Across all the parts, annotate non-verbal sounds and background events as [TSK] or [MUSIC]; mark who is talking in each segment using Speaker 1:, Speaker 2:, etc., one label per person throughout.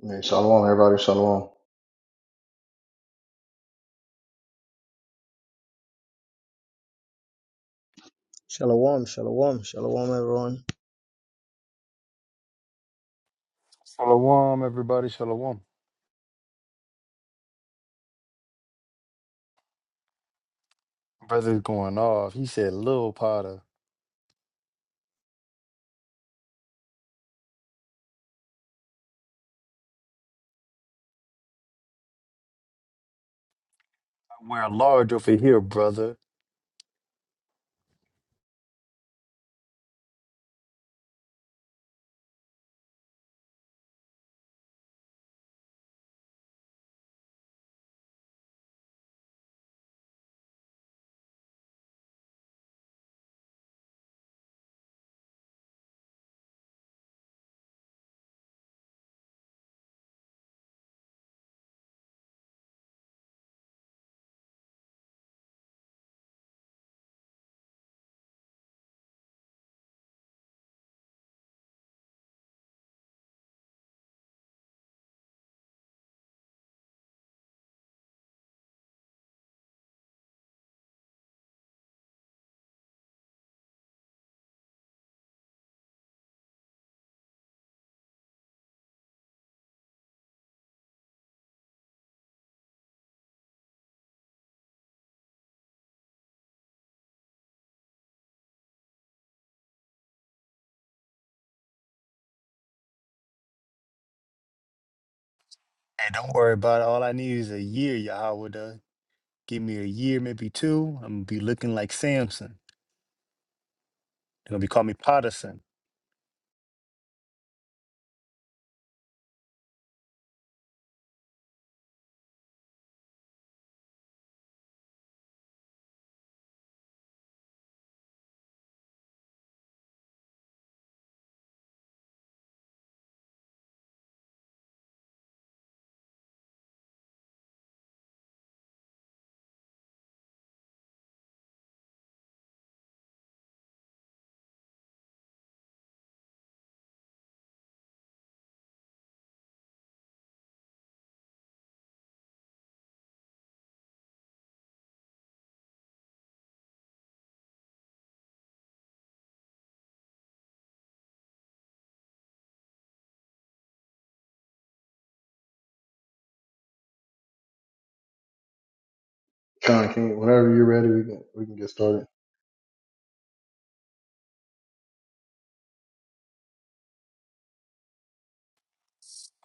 Speaker 1: Man, shalom, everybody. Shalom.
Speaker 2: Shalom, shalom, shalom, everyone.
Speaker 3: Shalom, everybody. Shalom. Brother's going off. He said, Lil Potter, I wear large over here, brother. Hey, don't worry about it. All I need is a year, Yahweh. does. Give me a year, maybe two. I'm going to be looking like Samson. They're going to be calling me Potterson.
Speaker 1: Con, can you, whenever you're ready, we can, we can get started.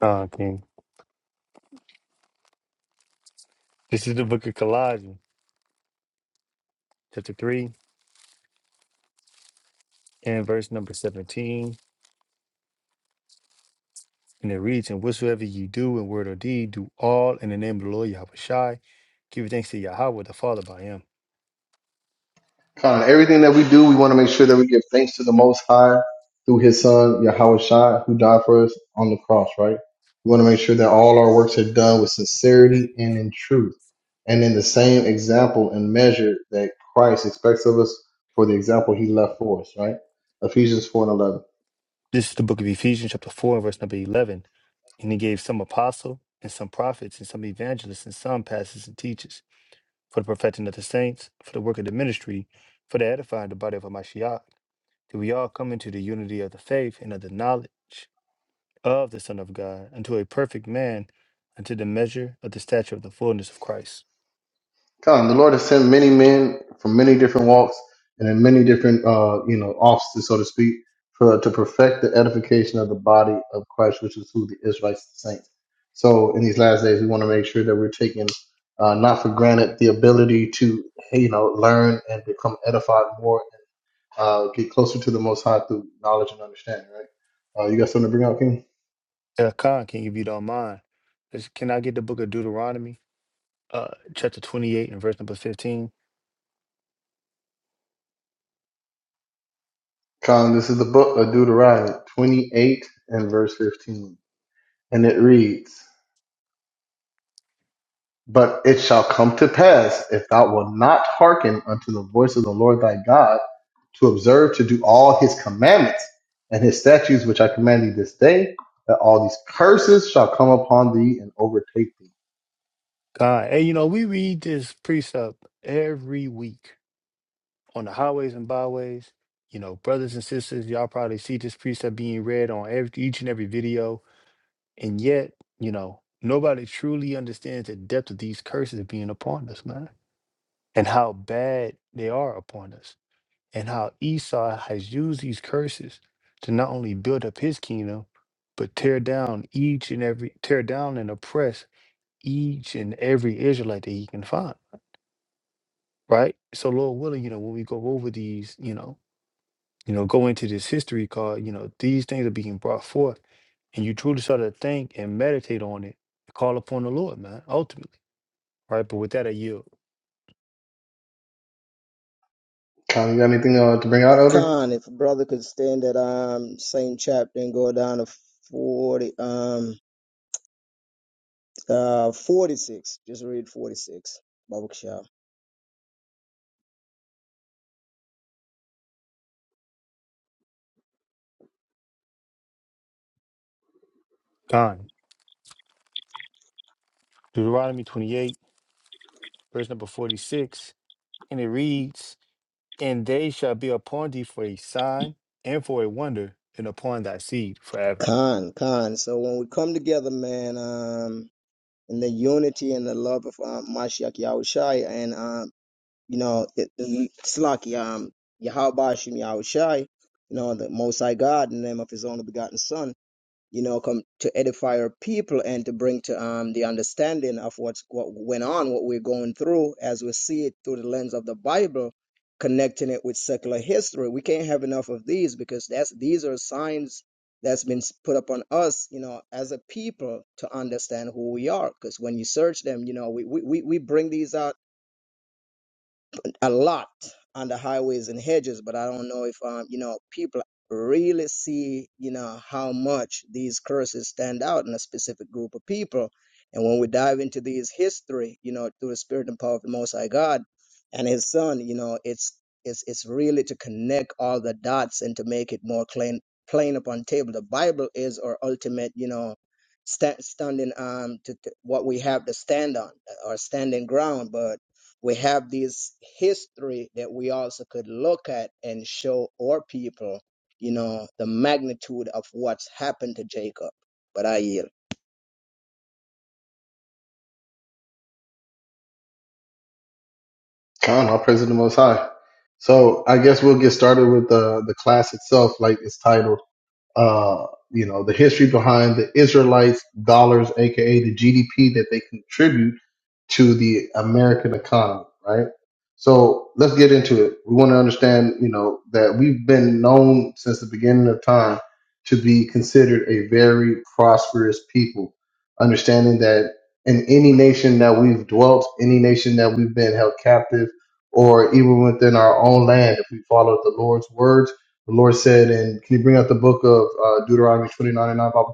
Speaker 3: Uh, King. This is the book of Colossians, chapter 3, and verse number 17. And it reads, And whatsoever you do in word or deed, do all in the name of the Lord Yahweh Shai. Give thanks to Yahweh, the Father by him.
Speaker 1: Con, everything that we do, we want to make sure that we give thanks to the Most High through His Son, Yahweh Shai, who died for us on the cross, right? We want to make sure that all our works are done with sincerity and in truth, and in the same example and measure that Christ expects of us for the example He left for us, right? Ephesians 4 and 11.
Speaker 3: This is the book of Ephesians, chapter 4, and verse number 11. And he gave some apostle and some prophets and some evangelists and some pastors and teachers for the perfecting of the saints, for the work of the ministry, for the edifying of the body of Hamashiach, that we all come into the unity of the faith and of the knowledge of the Son of God, unto a perfect man, unto the measure of the stature of the fullness of Christ.
Speaker 1: Come, the Lord has sent many men from many different walks and in many different, uh, you know, offices, so to speak, for to perfect the edification of the body of Christ, which is who the Israelites, the saints. So, in these last days, we want to make sure that we're taking uh, not for granted the ability to, hey, you know, learn and become edified more, uh, get closer to the Most High through knowledge and understanding. Right? Uh, you got something to bring out, King?
Speaker 3: Uh, Khan, can you if you don't mind? is- Can I get the book of Deuteronomy, uh, chapter 28 and verse number 15?
Speaker 1: Come, this is the book of Deuteronomy 28 and verse 15, and it reads. But it shall come to pass, if thou wilt not hearken unto the voice of the Lord thy God, to observe to do all his commandments and his statutes which I command thee this day, that all these curses shall come upon thee and overtake thee.
Speaker 3: God, hey, you know, we read this precept every week on the highways and byways. You know, brothers and sisters, y'all probably see this precept being read on every, each and every video. And yet, you know, nobody truly understands the depth of these curses being upon us, man, and how bad they are upon us, and how Esau has used these curses to not only build up his kingdom, but tear down each and every, tear down and oppress each and every Israelite that he can find, right? So, Lord willing, you know, when we go over these, you know, you know, go into this history card, you know, these things are being brought forth, and you truly start to think and meditate on it, call upon the Lord, man, ultimately. Right. But with that, I yield.
Speaker 1: Con, you got anything uh, to bring out, Elder?
Speaker 2: Khan, if a brother could stand at um same chapter and go down to forty um uh forty six, just read forty six. Babakshah.
Speaker 3: Gone. Deuteronomy 28, verse number 46, and it reads, And they shall be upon thee for a sign and for a wonder, and upon thy seed forever.
Speaker 2: Khan, Khan. So when we come together, man, um, in the unity and the love of um, Mashiach Yahushai and um, you know, it, it- it's like um Yahabashim Yahushai, you know, the Most High God, in the name of His only begotten Son. you know, come to edify our people and to bring to um, the understanding of what's what went on, what we're going through, as we see it through the lens of the Bible, connecting it with secular history. We can't have enough of these because that's these are signs that's been s- put upon us, you know, as a people to understand who we are. Because when you search them, you know, we we we we bring these out a lot on the highways and hedges, but I don't know if um, you know people really see you know how much these curses stand out in a specific group of people. And when we dive into these history, you know, through the spirit and power of the Most High God and His Son, you know, it's it's it's really to connect all the dots and to make it more plain plain upon table. The Bible is our ultimate, you know, sta standing um to, to what we have to stand on, our standing ground, but we have this history that we also could look at and show our people, you know, the magnitude of what's happened to Jacob. But I yield.
Speaker 1: Con, I'll praise to the Most High. So I guess we'll get started with the the class itself, like its title. uh, you know, the history behind the Israelites' dollars, aka the GDP that they contribute to the American economy, right? So let's get into it. We want to understand, you know, that we've been known since the beginning of time to be considered a very prosperous people, understanding that in any nation that we've dwelt, any nation that we've been held captive, or even within our own land, if we follow the Lord's words the Lord said, and can you bring out the book of uh, Deuteronomy 29 and 9, Papa?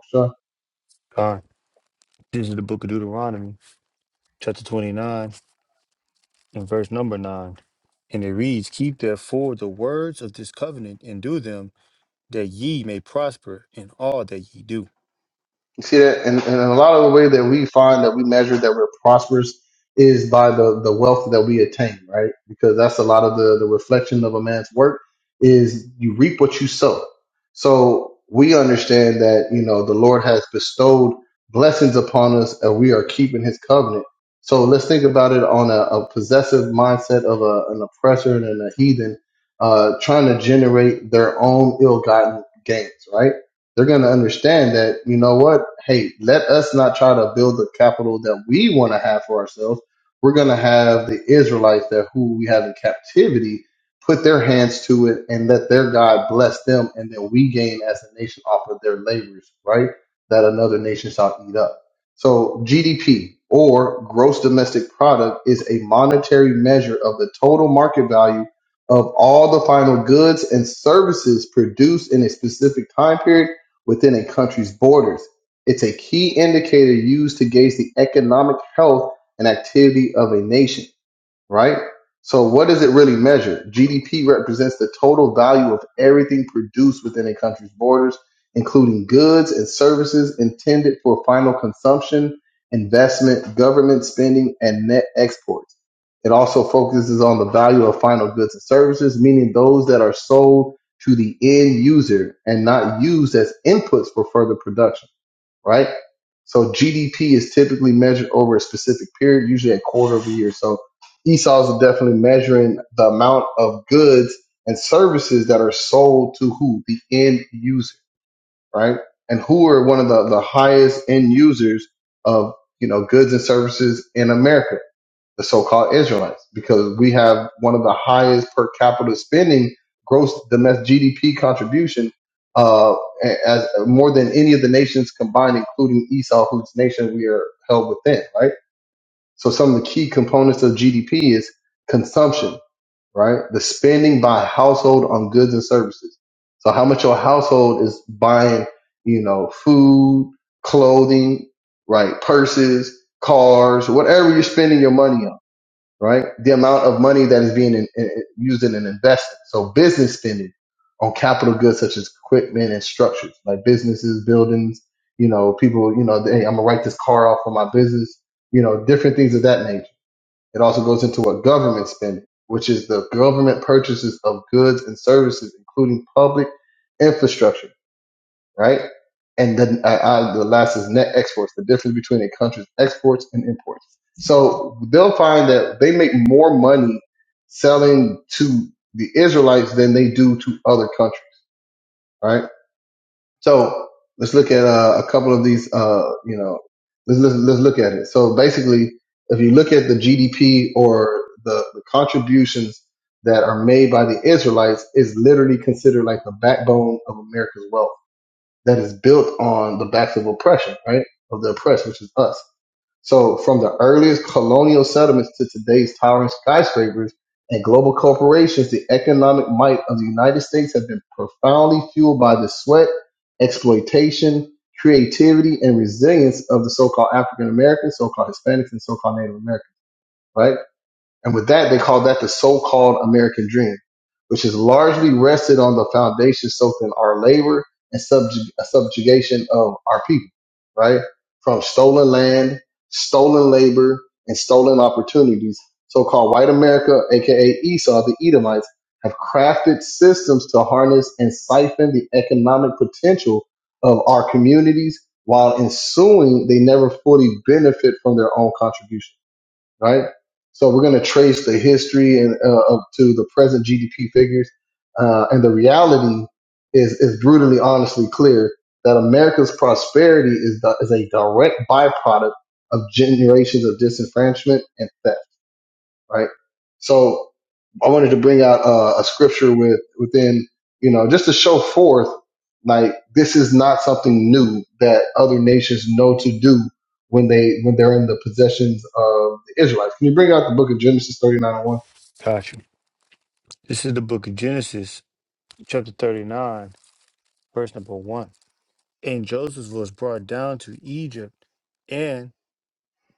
Speaker 3: Gone. This is the book of Deuteronomy, chapter 29, and verse number 9. And it reads, Keep therefore the words of this covenant and do them that ye may prosper in all that ye do.
Speaker 1: You see that, and, and a lot of the way that we find that we measure that we're prosperous is by the the wealth that we attain, right? Because that's a lot of the the reflection of a man's work is you reap what you sow. So we understand that you know the Lord has bestowed blessings upon us, and we are keeping His covenant. So let's think about it on a, a possessive mindset of a, an oppressor and a heathen uh, trying to generate their own ill-gotten gains, right? they're going to understand that you know what hey let us not try to build the capital that we want to have for ourselves we're going to have the israelites that who we have in captivity put their hands to it and let their god bless them and then we gain as a nation off of their labors right that another nation shall eat up so gdp or gross domestic product is a monetary measure of the total market value of all the final goods and services produced in a specific time period within a country's borders. It's a key indicator used to gauge the economic health and activity of a nation right? So what does it really measure? GDP represents the total value of everything produced within a country's borders, including goods and services intended for final consumption, investment, government spending, and net exports. It also focuses on the value of final goods and services, meaning those that are sold to the end user and not used as inputs for further production right? So GDP is typically measured over a specific period, usually a quarter of a year. So Esau's are definitely measuring the amount of goods and services that are sold to who? The end user, right? And who are one of the, the highest end users of, you know, goods and services in America? the so-called Israelites, because we have one of the highest per capita spending gross domestic GDP contribution uh, as more than any of the nations combined, including Esau, whose nation we are held within, right? So some of the key components of GDP is consumption, right? The spending by household on goods and services. So how much your household is buying, you know, food, clothing, right? Purses, cars, whatever you're spending your money on right? The amount of money that is being in, in, used in an investment. So business spending on capital goods such as equipment and structures, like businesses, buildings, you know, people, you know, hey, I'm gonna write this car off for my business, you know, different things of that nature. It also goes into what government spending, which is the government purchases of goods and services, including public infrastructure right? And then uh, uh, the last is net exports, the difference between a country's exports and imports. So they'll find that they make more money selling to the Israelites than they do to other countries, right? So let's look at uh, a couple of these. Uh, you know, let's, let's let's look at it. So basically, if you look at the GDP or the, the contributions that are made by the Israelites, is literally considered like the backbone of America's wealth that is built on the backs of oppression, right? Of the oppressed, which is us. So from the earliest colonial settlements to today's towering skyscrapers and global corporations, the economic might of the United States has been profoundly fueled by the sweat, exploitation, creativity, and resilience of the so-called African Americans, so-called Hispanics, and so-called Native Americans, right? And with that, they call that the so-called American dream, which is largely rested on the foundation soaked in our labor and subjug- subjugation of our people, right? From stolen land, stolen labor, and stolen opportunities. So-called white America, aka Esau, the Edomites, have crafted systems to harness and siphon the economic potential of our communities while ensuing they never fully benefit from their own contribution right? So we're going to trace the history and uh, up to the present GDP figures, uh, and the reality is is brutally, honestly clear that America's prosperity is the, is a direct byproduct of generations of disenfranchisement and theft, right? So I wanted to bring out uh, a scripture with within, you know, just to show forth like this is not something new that other nations know to do when they when they're in the possessions of the Israelites. Can you bring out the book of Genesis thirty nine and one?
Speaker 3: Gotcha. This is the book of Genesis, chapter 39, verse number 1. And Joseph was brought down to Egypt, and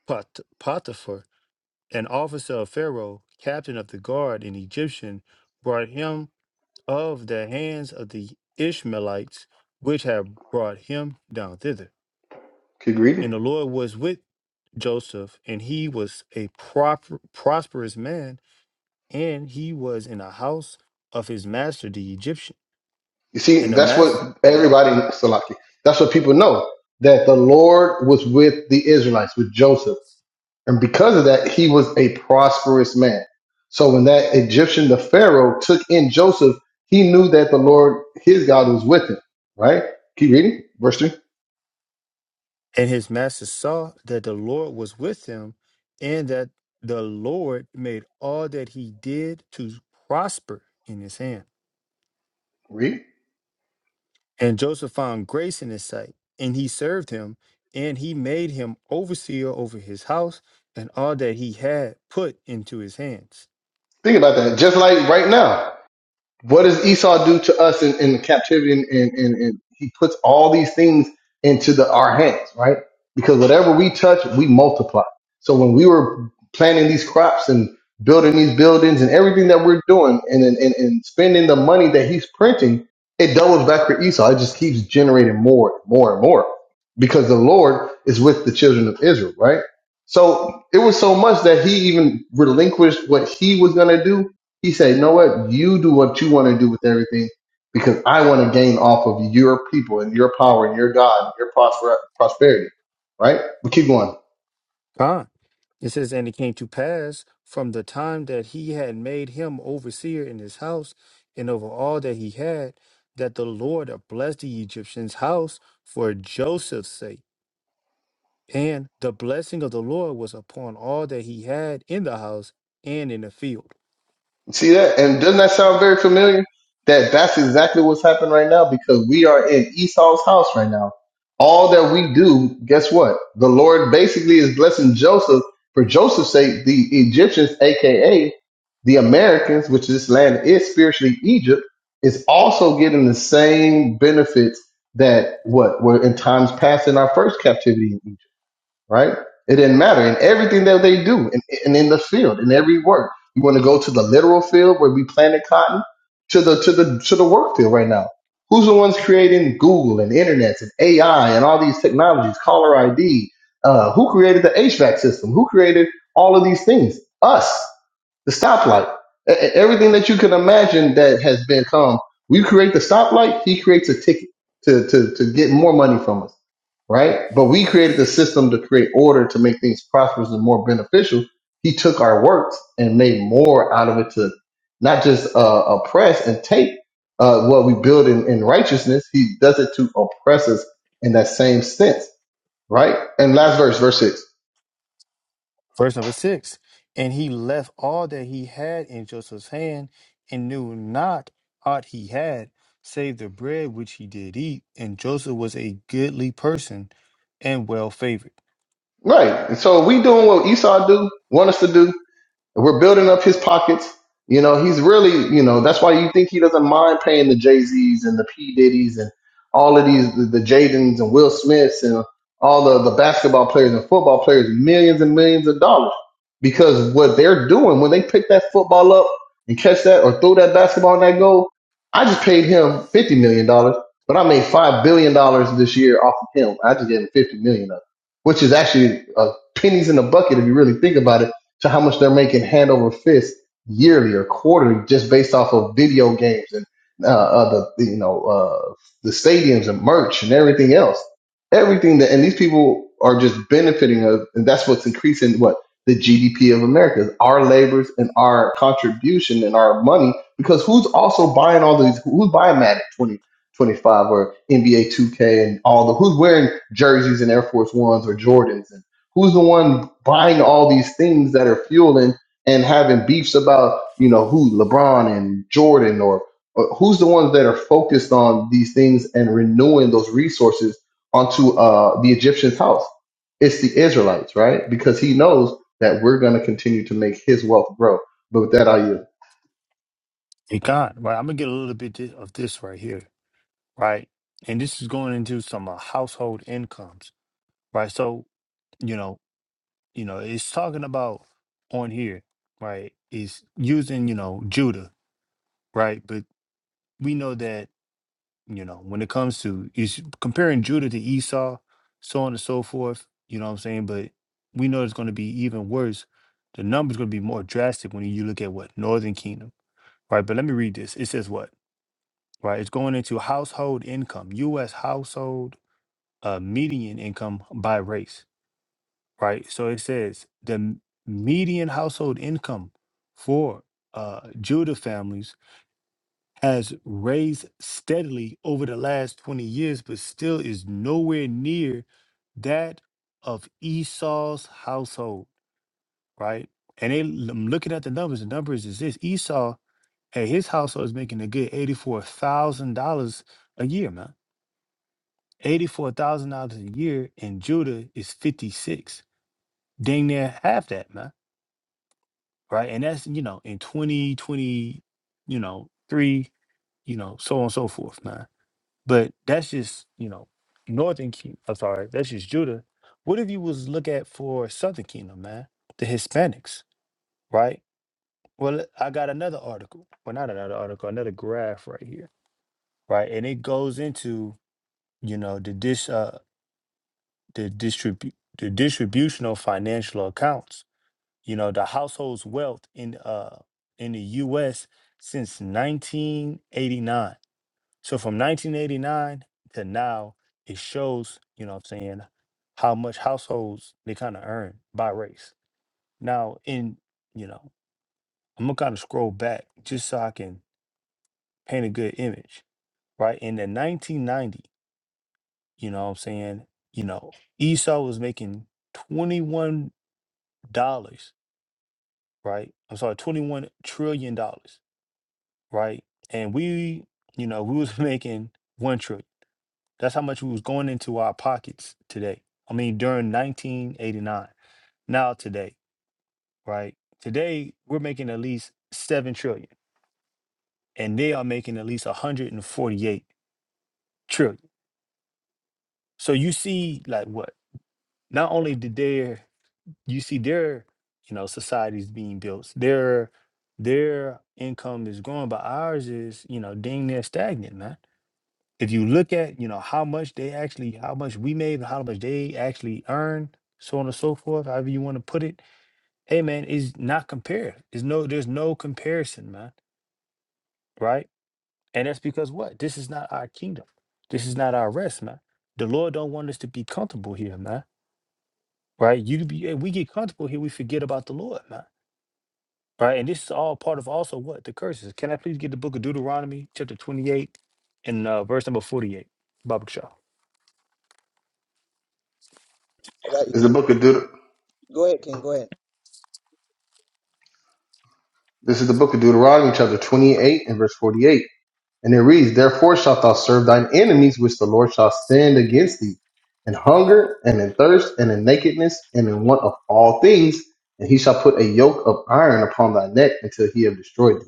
Speaker 3: Pot- Potiphar, an officer of Pharaoh, captain of the guard, an Egyptian, brought him of the hands of the Ishmaelites, which had brought him down thither.
Speaker 1: Keep reading.
Speaker 3: And the Lord was with Joseph, and he was a proper, prosperous man and he was in the house of his master the Egyptian.
Speaker 1: You see,
Speaker 3: And the
Speaker 1: that's
Speaker 3: master
Speaker 1: what everybody Salaki. That's what people know that the Lord was with the Israelites with Joseph And because of that, he was a prosperous man. So when that Egyptian, the Pharaoh, took in Joseph, he knew that the Lord, his God, was with him. Right? Keep reading. Verse 3.
Speaker 3: and his master saw that the Lord was with him, and that the Lord made all that he did to prosper in his hand.
Speaker 1: Read.
Speaker 3: And Joseph found grace in his sight, and he served him, and he made him overseer over his house, and all that he had put into his hands.
Speaker 1: Think about that. Just like right now. what does Esau do to us in, in captivity? And, and, and, and he puts all these things into the, our hands, right? Because whatever we touch, we multiply. So when we were planting these crops and building these buildings and everything that we're doing and, and, and and spending the money that he's printing, it doubles back for Esau. It just keeps generating more and more and more because the Lord is with the children of Israel, right? So it was so much that he even relinquished what he was going to do he said, you know what? You do what you want to do with everything because I want to gain off of your people and your power and your God, and your prosper- prosperity, right? We keep going.
Speaker 3: It says, And it came to pass from the time that he had made him overseer in his house and over all that he had, that the Lord blessed the Egyptian's house for Joseph's sake. And the blessing of the Lord was upon all that he had in the house and in the field.
Speaker 1: See that? And doesn't that sound very familiar? That that's exactly what's happening right now because we are in Esau's house right now. All that we do, guess what? The Lord basically is blessing Joseph for Joseph's sake. The Egyptians, aka the Americans, which this land is spiritually Egypt, is also getting the same benefits that what were in times past in our first captivity. in Egypt right? It didn't matter in everything that they do and, and in the field, in every work. You want to go to the literal field where we planted cotton to the to the to the work field right now. Who's the ones creating Google and internet and AI and all these technologies, caller ID? Uh, who created the HVAC system? Who created all of these things? Us the stoplight. E- e- Everything that you can imagine that has been come. We create the stoplight, he creates a ticket to, to, to get more money from us, right? But we created the system to create order to make things prosperous and more beneficial. He took our works and made more out of it to not just uh, oppress and take uh, what we build in, in righteousness. He does it to oppress us in that same sense, right? And last verse, verse six.
Speaker 3: Verse number six And he left all that he had in Joseph's hand and knew not aught he had, save the bread which he did eat. And Joseph was a goodly person and well favored.
Speaker 1: Right. And so we doing what Esau do, want us to do We're building up his pockets. You know, he's really, you know, that's why you think he doesn't mind paying the Jay Z's and the P Diddy's and all of these, the, the Jadens and Will Smiths and all the, the basketball players and football players millions and millions of dollars because what they're doing when they pick that football up and catch that or throw that basketball in that goal, I just paid him $50 million, dollars, but I made $5 billion dollars this year off of him. I just gave him $50 million of which is actually uh, pennies in the bucket if you really think about it to how much they're making hand over fist yearly or quarterly just based off of video games and uh, uh, the you know uh, the stadiums and merch and everything else. Everything that and these people are just benefiting of, and that's what's increasing what the GDP of America is our labors and our contribution and our money. Because who's also buying all these? Who's buying Madden twenty twenty five or NBA two K and all the? Who's wearing jerseys and Air Force Ones or Jordans and. Who's the one buying all these things that are fueling and having beefs about, you know, who LeBron and Jordan or, or who's the ones that are focused on these things and renewing those resources onto uh, the Egyptian's house? It's the Israelites, right? Because he knows that we're going to continue to make his wealth grow. But with that, I yield.
Speaker 3: It got right. I'm gonna get a little bit thi- of this right here, right? And this is going into some uh, household incomes, right? So you know, you know, it's talking about on here, right? Is using you know Judah, right? But we know that you know when it comes to is comparing Judah to Esau, so on and so forth. You know what I'm saying? But we know it's going to be even worse. The numbers going to be more drastic when you look at what Northern Kingdom, right? But let me read this. It says what. right? It's going into household income, U.S. household uh, median income by race, right? So it says the m- median household income for uh, Judah families has raised steadily over the last 20 years, but still is nowhere near that of Esau's household, right? And they, I'm looking at the numbers. The numbers is this Esau at his household is making a good $84,000 a year, man eighty-four thousand dollars a year in Judah is fifty-six. Dang near half that, man. Right. And that's, you know, in twenty twenty, you know, three, you know, so on and so forth, man. But that's just, you know, northern kingdom. I'm sorry, that's just Judah. What if you was look at for Southern Kingdom, man? The Hispanics, right? Well, I got another article. Well, not another article, another graph right here. Right. And it goes into, you know, the dish the distribu- the distribution of financial accounts. You know, the household's wealth in uh in the US since 1989. So from 1989 to now, it shows, you know what I'm saying, how much households they kind of earn by race. Now in, you know, I'm gonna kind of scroll back just so I can paint a good image, right? In the 1990, you know what I'm saying, you know, Esau was making 21 dollars. right? I'm sorry, 21 trillion dollars, right? And we, you know, we was [LAUGHS] making 1 trillion. That's how much we was going into our pockets today. I mean, during 1989. Now today, right? Today we're making at least 7 trillion and they are making at least 148 trillion. So you see like what? Not only did their you see their, you know, societies being built, their their income is growing, but ours is, you know, dang near stagnant, man if you look at you know how much they actually how much we made how much they actually earned so on and so forth however you want to put it hey man it's not compared there's no there's no comparison man right and that's because what this is not our kingdom this is not our rest man the lord don't want us to be comfortable here man right you be eh, we get comfortable here we forget about the lord man right and this is all part of also what the curses can i please get the book of deuteronomy chapter 28 and uh, verse number 48 Baba Shah.
Speaker 2: Go ahead,
Speaker 1: This is
Speaker 2: King.
Speaker 1: the book of Deut-
Speaker 2: Go ahead. King. Go ahead.
Speaker 1: this is the book of Deuteronomy, chapter 28 and verse 48. And it reads, Therefore shalt thou serve thine enemies, which the Lord shall stand against thee, in hunger, and in thirst, and in nakedness, and in want of all things. And he shall put a yoke of iron upon thy neck until he have destroyed thee.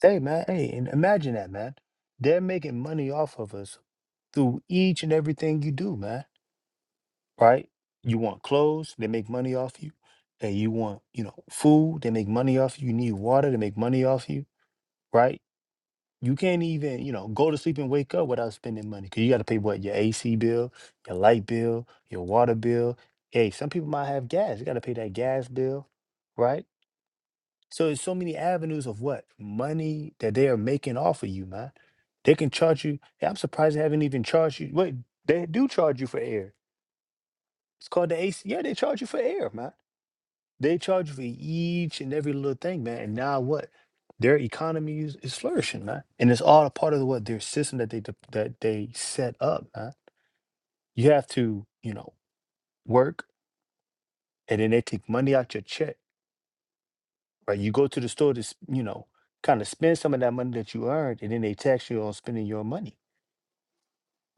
Speaker 3: Hey man, hey, and imagine that, man. They're making money off of us through each and everything you do, man. Right? You want clothes, they make money off you. And you want, you know, food, they make money off you. You need water, they make money off you, right? You can't even, you know, go to sleep and wake up without spending money. Cause you gotta pay what, your AC bill, your light bill, your water bill. Hey, some people might have gas. You gotta pay that gas bill, right? So there's so many avenues of what money that they are making off of you, man. They can charge you. hey, I'm surprised they haven't even charged you. Wait, they do charge you for air. It's called the AC. Yeah, they charge you for air, man. They charge you for each and every little thing, man. And now what? Their economy is, is flourishing, man. And it's all a part of what their system that they de- that they set up, man. You have to, you know, work, and then they take money out your check right? You go to the store to, s- you know, kind of spend some of that money that you earned, and then they tax you on spending your money,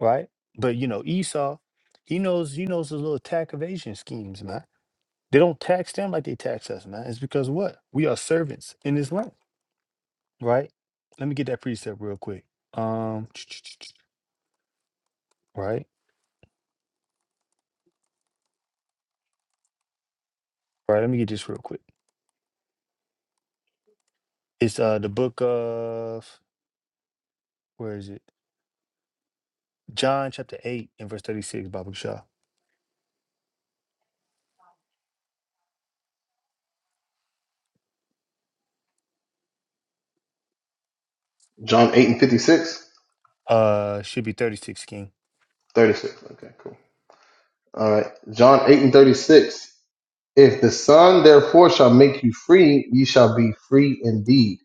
Speaker 3: right? But you know, Esau, he knows he knows those little tax evasion schemes, man. They don't tax them like they tax us, man. It's because what? We are servants in this land, right? Let me get that precept real quick. Um, [TSK] right, right. Let me get this real quick. It's uh the book of where is it? John chapter eight and verse thirty six, Baba Shah.
Speaker 1: John 8 and 56,
Speaker 3: Uh, should be thirty six, King
Speaker 1: 36. Okay, cool. All right. John 8 and 36. If the Son therefore shall make you free, ye shall be free indeed.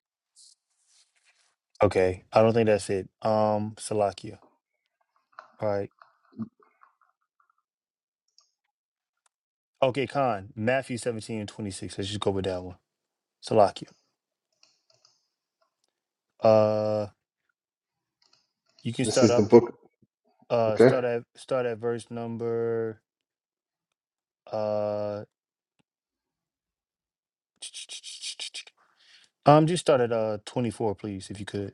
Speaker 3: Okay, I don't think that's it. Um, Salakia, right? Okay, Khan, Matthew 17 and 26. Let's just go with that one. Salakia. Uh, you can
Speaker 1: This
Speaker 3: start
Speaker 1: is the
Speaker 3: up,
Speaker 1: book.
Speaker 3: uh,
Speaker 1: Okay.
Speaker 3: start at, start at verse number, uh, [TSK] um, just start at, uh, 24, please, if you could.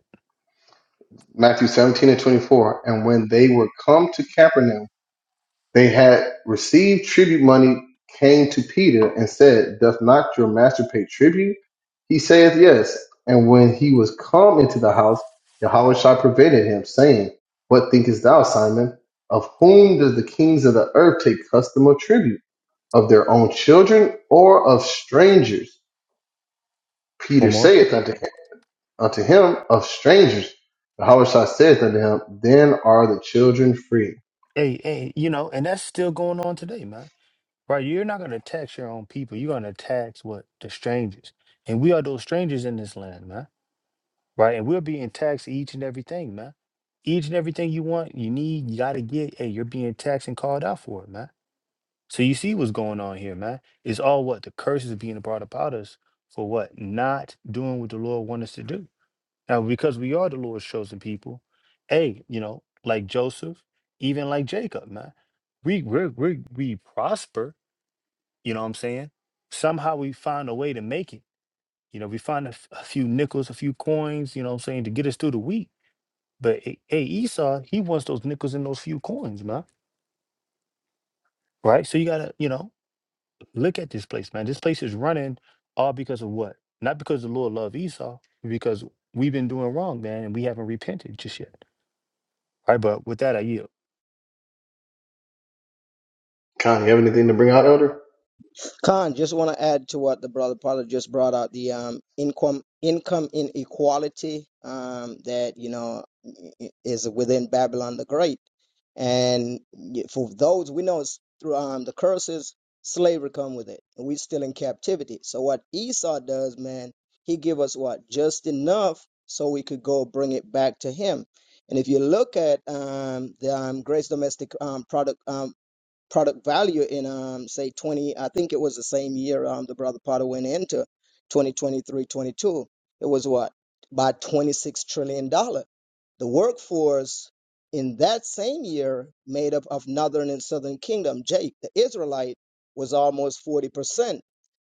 Speaker 1: Matthew 17 and 24. And when they were come to Capernaum, They had received tribute money, came to Peter and said, Doth not your master pay tribute? He saith, Yes. And when he was come into the house, Yahushua prevented him, saying, What thinkest thou, Simon? Of whom does the kings of the earth take custom or tribute? Of their own children or of strangers? Peter
Speaker 3: One more?
Speaker 1: saith unto him, unto him Of strangers. Yahushua saith unto him, Then are the children free.
Speaker 3: Hey, hey, you know, and that's still going on today, man. Right? You're not going to tax your own people. You're going to tax what? The strangers. And we are those strangers in this land, man. right? And we're being taxed each and everything, man. Each and everything you want, you need, you got to get. Hey, you're being taxed and called out for it, man. So you see what's going on here, man. It's all what the curses are being brought about us for what not doing what the Lord wants us to do. Now, because we are the Lord's chosen people, hey, you know, like Joseph, even like Jacob, man, we we we we prosper. You know what I'm saying? Somehow we find a way to make it. You know, we find a, f- a few nickels, a few coins. You know what I'm saying to get us through the week but eh, hey, Esau, he wants those nickels and those few coins, man. Right? So you gotta, you know, look at this place, man. This place is running all because of what? Not because the Lord loved Esau, because we've been doing wrong, man, and we haven't repented just yet. All right, but with that I yield.
Speaker 1: Con, you have anything to bring out, Elder?
Speaker 2: Khan, just want to add to what the brother Paula just brought out the um, income income inequality um, that you know is within Babylon the Great, and for those we know it's through um, the curses slavery come with it, and we're still in captivity. So what Esau does, man, he give us what just enough so we could go bring it back to him. And if you look at um, the um, gross domestic um, product um product value in um say 20 i think it was the same year um the brother potter went into 2023 22 it was what by 26 trillion dollar the workforce in that same year made up of northern and southern kingdom jake the israelite was almost 40%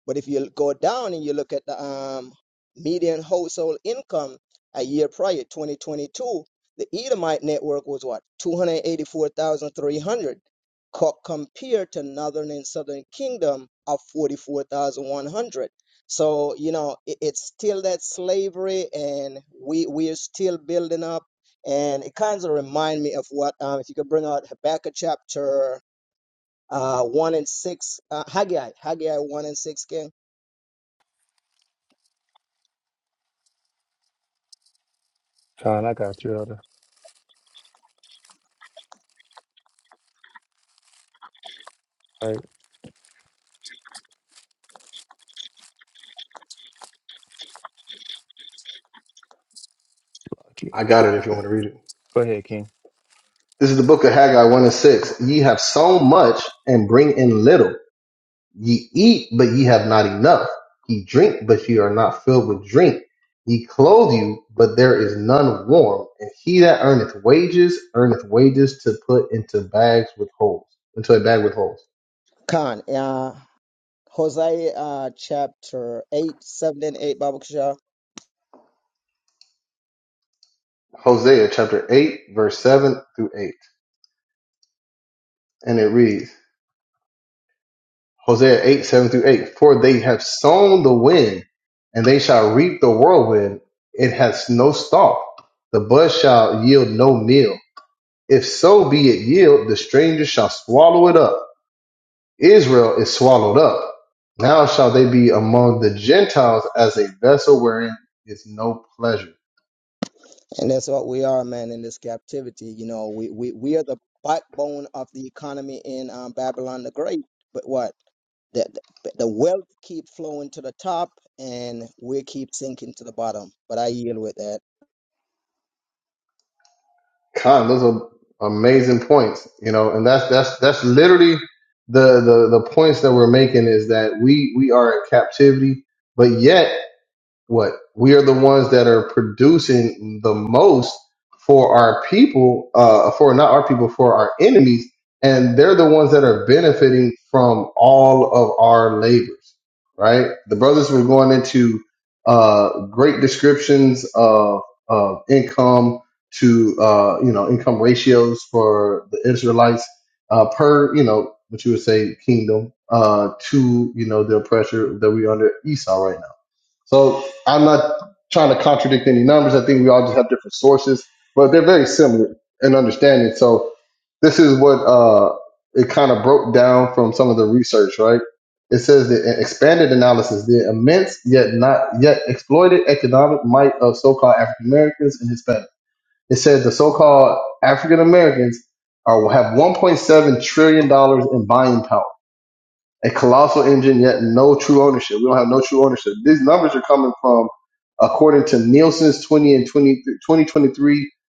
Speaker 2: but if you go down and you look at the um median household income a year prior 2022 the edomite network was what 284300 co- compared to northern and southern kingdom of 44,100. So, you know, it, it's still that slavery and we, we are still building up. And it kind of remind me of what, um, if you could bring out Habakkuk chapter uh, 1 and 6, uh, Haggai, Haggai 1 and 6, King.
Speaker 3: Con, I got you, elder. All right. Okay.
Speaker 1: I got it if you want to read it.
Speaker 3: Go ahead, King.
Speaker 1: This is the book of Haggai 1 and 6. Ye have sown much and bring in little. Ye eat, but ye have not enough. Ye drink, but ye are not filled with drink. Ye clothe you, but there is none warm. And he that earneth wages, earneth wages to put into bags with holes, into a bag with holes.
Speaker 2: Khan, uh, Hosea uh, chapter 8, 7 and 8, Bible
Speaker 1: Hosea chapter 8, verse 7 through 8. And it reads, Hosea 8, 7 through 8. For they have sown the wind, and they shall reap the whirlwind. It has no stalk. The bud shall yield no meal. If so be it yield, the stranger shall swallow it up. Israel is swallowed up. Now shall they be among the Gentiles as a vessel wherein is no pleasure.
Speaker 2: And that's what we are, man, in this captivity. You know, we, we, we are the backbone of the economy in um, Babylon the Great. But what? The, the, the wealth keep flowing to the top and we keep sinking to the bottom. But I yield with that.
Speaker 1: Con, those are amazing points, you know, and that's that's that's literally the the the points that we're making is that we we are in captivity, but yet what we are the ones that are producing the most for our people uh for not our people for our enemies and they're the ones that are benefiting from all of our labors right the brothers were going into uh great descriptions of of income to uh you know income ratios for the israelites uh per you know what you would say kingdom uh to you know the pressure that we under esau right now so I'm not trying to contradict any numbers. I think we all just have different sources, but they're very similar in understanding. So this is what uh, it kind of broke down from some of the research, right? It says that in expanded analysis, the immense yet not yet exploited economic might of so-called African Americans and Hispanics. It says the so-called African Americans are have 1.7 trillion dollars in buying power a colossal engine, yet no true ownership. We don't have no true ownership. These numbers are coming from, according to Nielsen's 20 and 20 2023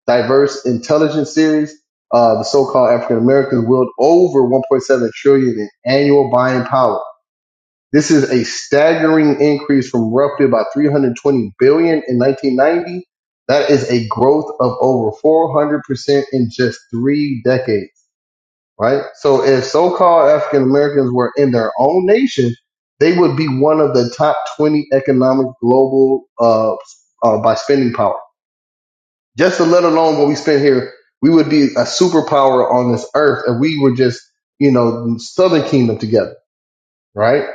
Speaker 1: Diverse Intelligence Series, uh, the so-called African Americans wield over 1.7 trillion dollars in annual buying power. This is a staggering increase from roughly about 320 billion dollars in 1990. That is a growth of over 400% in just three decades right? So if so-called African Americans were in their own nation, they would be one of the top 20 economic global uh, uh, by spending power. Just to let alone what we spend here, we would be a superpower on this earth if we were just, you know, Southern Kingdom together, right?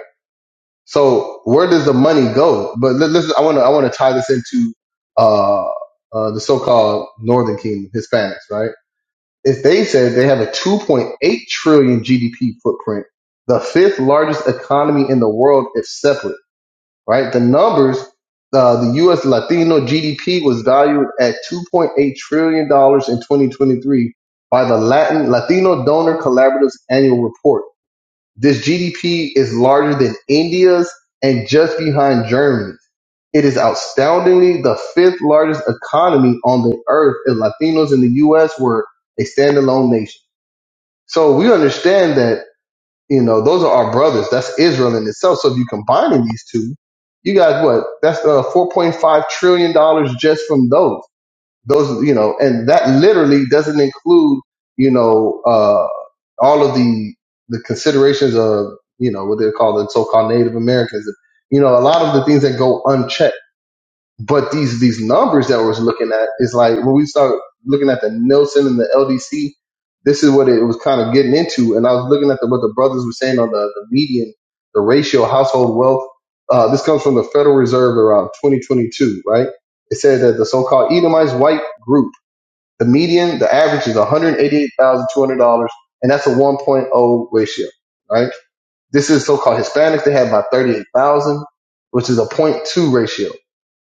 Speaker 1: So where does the money go? But let, let's, I want to, I want to tie this into uh, uh, the so-called Northern Kingdom, Hispanics, right? If they said they have a 2.8 trillion GDP footprint, the fifth largest economy in the world if separate, right? The numbers, uh, the U.S. Latino GDP was valued at 2.8 trillion dollars in 2023 by the Latin Latino Donor Collaborative's annual report. This GDP is larger than India's and just behind Germany. It is astoundingly the fifth largest economy on the earth if Latinos in the U.S. were a standalone nation. So we understand that, you know, those are our brothers. That's Israel in itself. So if you combining these two, you got what? That's uh, $4.5 trillion dollars just from those. Those, you know, and that literally doesn't include, you know, uh, all of the, the considerations of, you know, what they're called the so-called Native Americans. You know, a lot of the things that go unchecked but these these numbers that we're looking at is like when we start looking at the Nielsen and the LDC, this is what it was kind of getting into. And I was looking at the, what the brothers were saying on the, the median, the ratio of household wealth. Uh, this comes from the Federal Reserve around 2022, right? It said that the so-called Edomites white group, the median, the average is $188,200, and that's a 1.0 ratio, right? This is so-called Hispanics. They had about 38,000, which is a point 0.2 ratio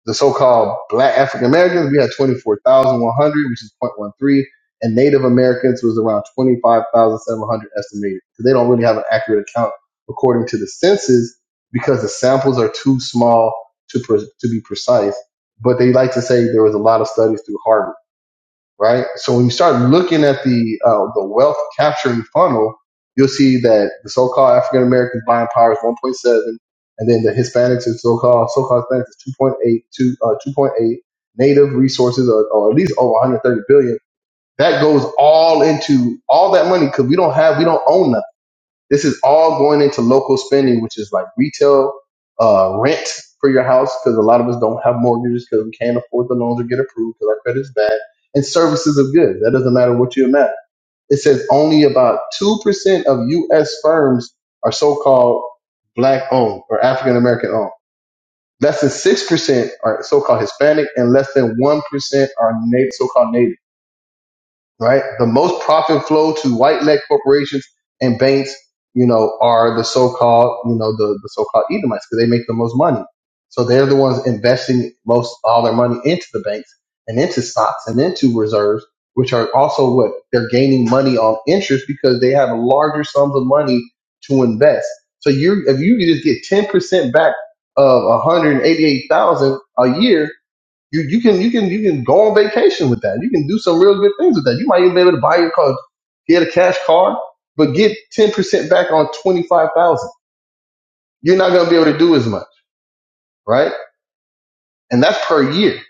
Speaker 1: the so-called black African Americans, we had 24,100, which is 0.13, and Native Americans was around 25,700 estimated. So they don't really have an accurate account according to the census because the samples are too small to, pre- to be precise. But they like to say there was a lot of studies through Harvard right? So when you start looking at the uh, the wealth capturing funnel, you'll see that the so-called African Americans buying power is 1.7, and then the Hispanics and so-called so-called Hispanics is 2.8, uh, 2.8. Native resources are, are at least over 130 billion. That goes all into all that money because we don't have, we don't own none. This is all going into local spending, which is like retail, uh, rent for your house, because a lot of us don't have mortgages because we can't afford the loans or get approved because our credit's bad, and services of goods. That doesn't matter what you amount. It says only about 2% of U.S. firms are so called black owned or African American owned. Less than 6% are so called Hispanic, and less than 1% are native, so called native right? The most profit flow to white led corporations and banks, you know, are the so called, you know, the, the so called Edomites because they make the most money. So they're the ones investing most all their money into the banks and into stocks and into reserves, which are also what they're gaining money on interest because they have larger sums of money to invest. So you, if you could just get 10% back of 188,000 a year, you you can you can you can go on vacation with that. You can do some real good things with that. You might even be able to buy your car, get a cash card, but get ten percent back on twenty five thousand. You're not going to be able to do as much, right? And that's per year.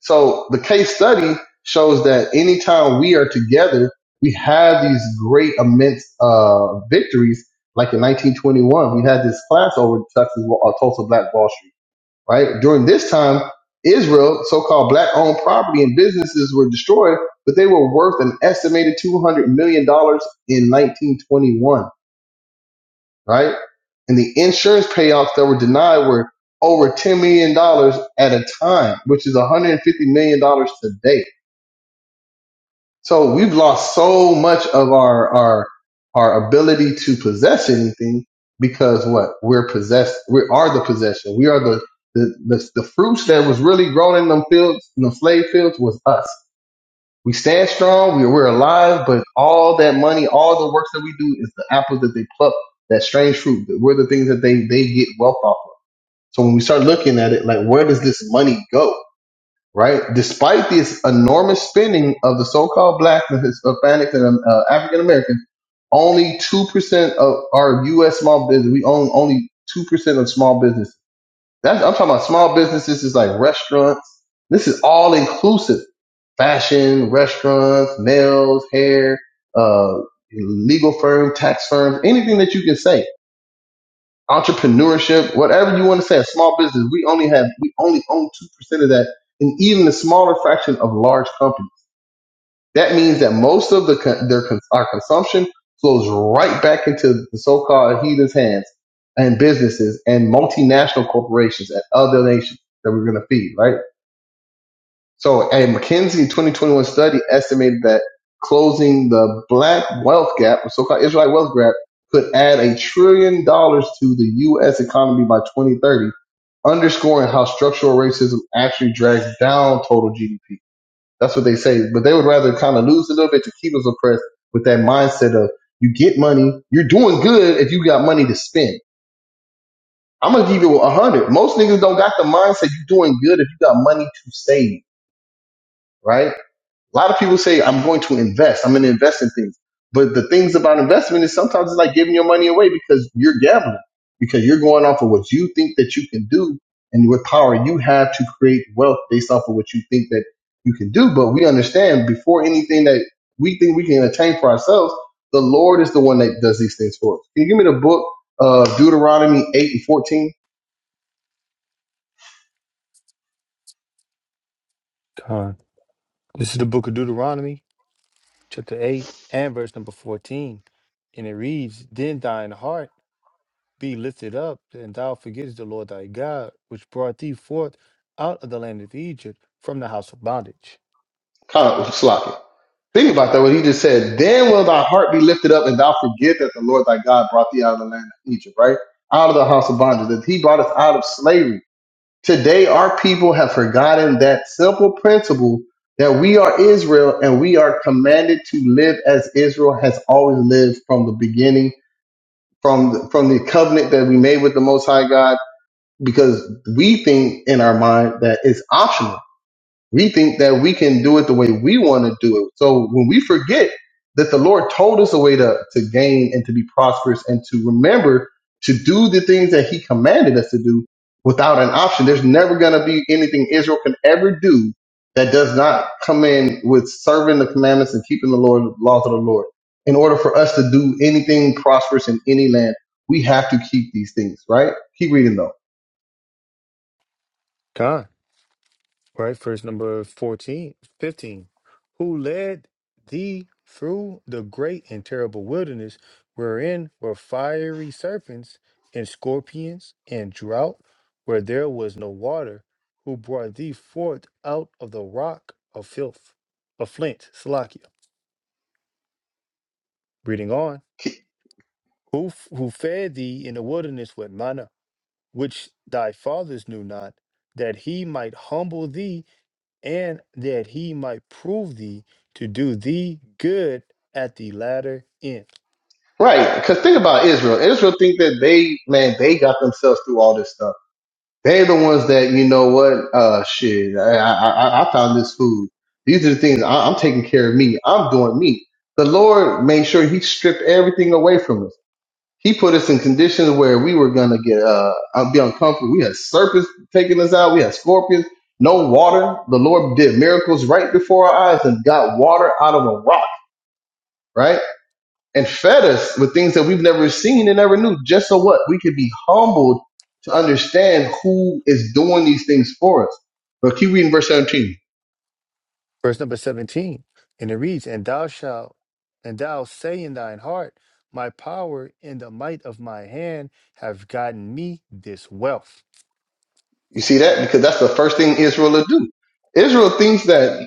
Speaker 1: So the case study shows that anytime we are together, we have these great immense uh, victories. Like in 1921, we had this class over at Texas, uh, Tulsa Black Wall Street right? During this time, Israel, so-called black-owned property and businesses were destroyed, but they were worth an estimated two hundred million dollars in 1921, right? And the insurance payouts that were denied were over ten million dollars at a time, which is 150 million dollars today so we've lost so much of our our our ability to possess anything because what we're possessed, we are the possession. We are the the the, the fruits that was really grown in them fields, in the slave fields, was us. We stand strong, we, we're alive, but all that money, all the works that we do is the apples that they pluck, that strange fruit. We're the things that they they get wealth off of. So when we start looking at it, like where does this money go? right? Despite this enormous spending of the so-called black and Hispanics and uh, African Americans, only two percent of our U.S. small business. We own only two percent of small business. That's I'm talking about small businesses. Is like restaurants. This is all inclusive: fashion, restaurants, nails, hair, uh, legal firm, tax firms, anything that you can say entrepreneurship, whatever you want to say, a small business, we only have, we only own 2% of that and even a smaller fraction of large companies. That means that most of the, con- their, cons- our consumption flows right back into the so-called heathens hands and businesses and multinational corporations and other nations that we're going to feed, right? So a McKinsey 2021 study estimated that closing the black wealth gap, the so-called Israelite wealth gap, could add a trillion dollars to the U.S. economy by 2030, underscoring how structural racism actually drags down total GDP. That's what they say, but they would rather kind of lose a little bit to keep us oppressed with that mindset of you get money, you're doing good if you got money to spend. I'm gonna give you a hundred. Most niggas don't got the mindset you're doing good if you got money to save, right? A lot of people say, I'm going to invest. I'm going to invest in things. But the things about investment is sometimes it's like giving your money away because you're gambling, because you're going off of what you think that you can do and what power you have to create wealth based off of what you think that you can do. But we understand before anything that we think we can attain for ourselves, the Lord is the one that does these things for us. Can you give me the book, of Deuteronomy 8 and 14?
Speaker 3: Con. This is the book of Deuteronomy, chapter eight and verse number fourteen. And it reads, Then thine heart Be lifted up, and thou forgettest the Lord thy God, which brought thee forth out of the land of Egypt from the house of bondage.
Speaker 1: Kind of sloppy. Think about that, what he just said. Then will thy heart be lifted up, and thou forget that the Lord thy God brought thee out of the land of Egypt, right? Out of the house of bondage, that he brought us out of slavery. Today, our people have forgotten that simple principle that we are Israel and we are commanded to live as Israel has always lived from the beginning, from the, from the covenant that we made with the Most High God, because we think in our mind that it's optional we think that we can do it the way we want to do it. So when we forget that the Lord told us a way to, to gain and to be prosperous and to remember to do the things that he commanded us to do without an option, there's never going to be anything Israel can ever do that does not come in with serving the commandments and keeping the Lord, laws of the Lord. In order for us to do anything prosperous in any land, we have to keep these things, right? Keep reading though.
Speaker 3: God, right? Verse number 14, 15, Who led thee through the great and terrible wilderness, wherein were fiery serpents and scorpions and drought, where there was no water, who brought thee forth out of the rock of filth, of flint, Salakia. Reading on. who f- who fed thee in the wilderness with manna, which thy fathers knew not, that he might humble thee, and that he might prove thee to do thee good at the latter end.
Speaker 1: Right, because think about Israel. Israel think that they, man, they got themselves through all this stuff. They're the ones that, you know what, uh, shit, I, I, I I found this food. These are the things I, I'm taking care of me. I'm doing me. The Lord made sure He stripped everything away from us. He put us in conditions where we were gonna get, uh, be uncomfortable. We had serpents taking us out. We had scorpions. No water. The Lord did miracles right before our eyes and got water out of a rock. Right and fed us with things that we've never seen and never knew. Just so what? We could be humbled to understand who is doing these things for us. But keep reading verse 17.
Speaker 3: Verse number seventeen, and it reads, "And thou shalt, and thou say in thine heart, My power and the might of my hand have gotten me this wealth."
Speaker 1: You see that? Because that's the first thing Israel will do. Israel thinks that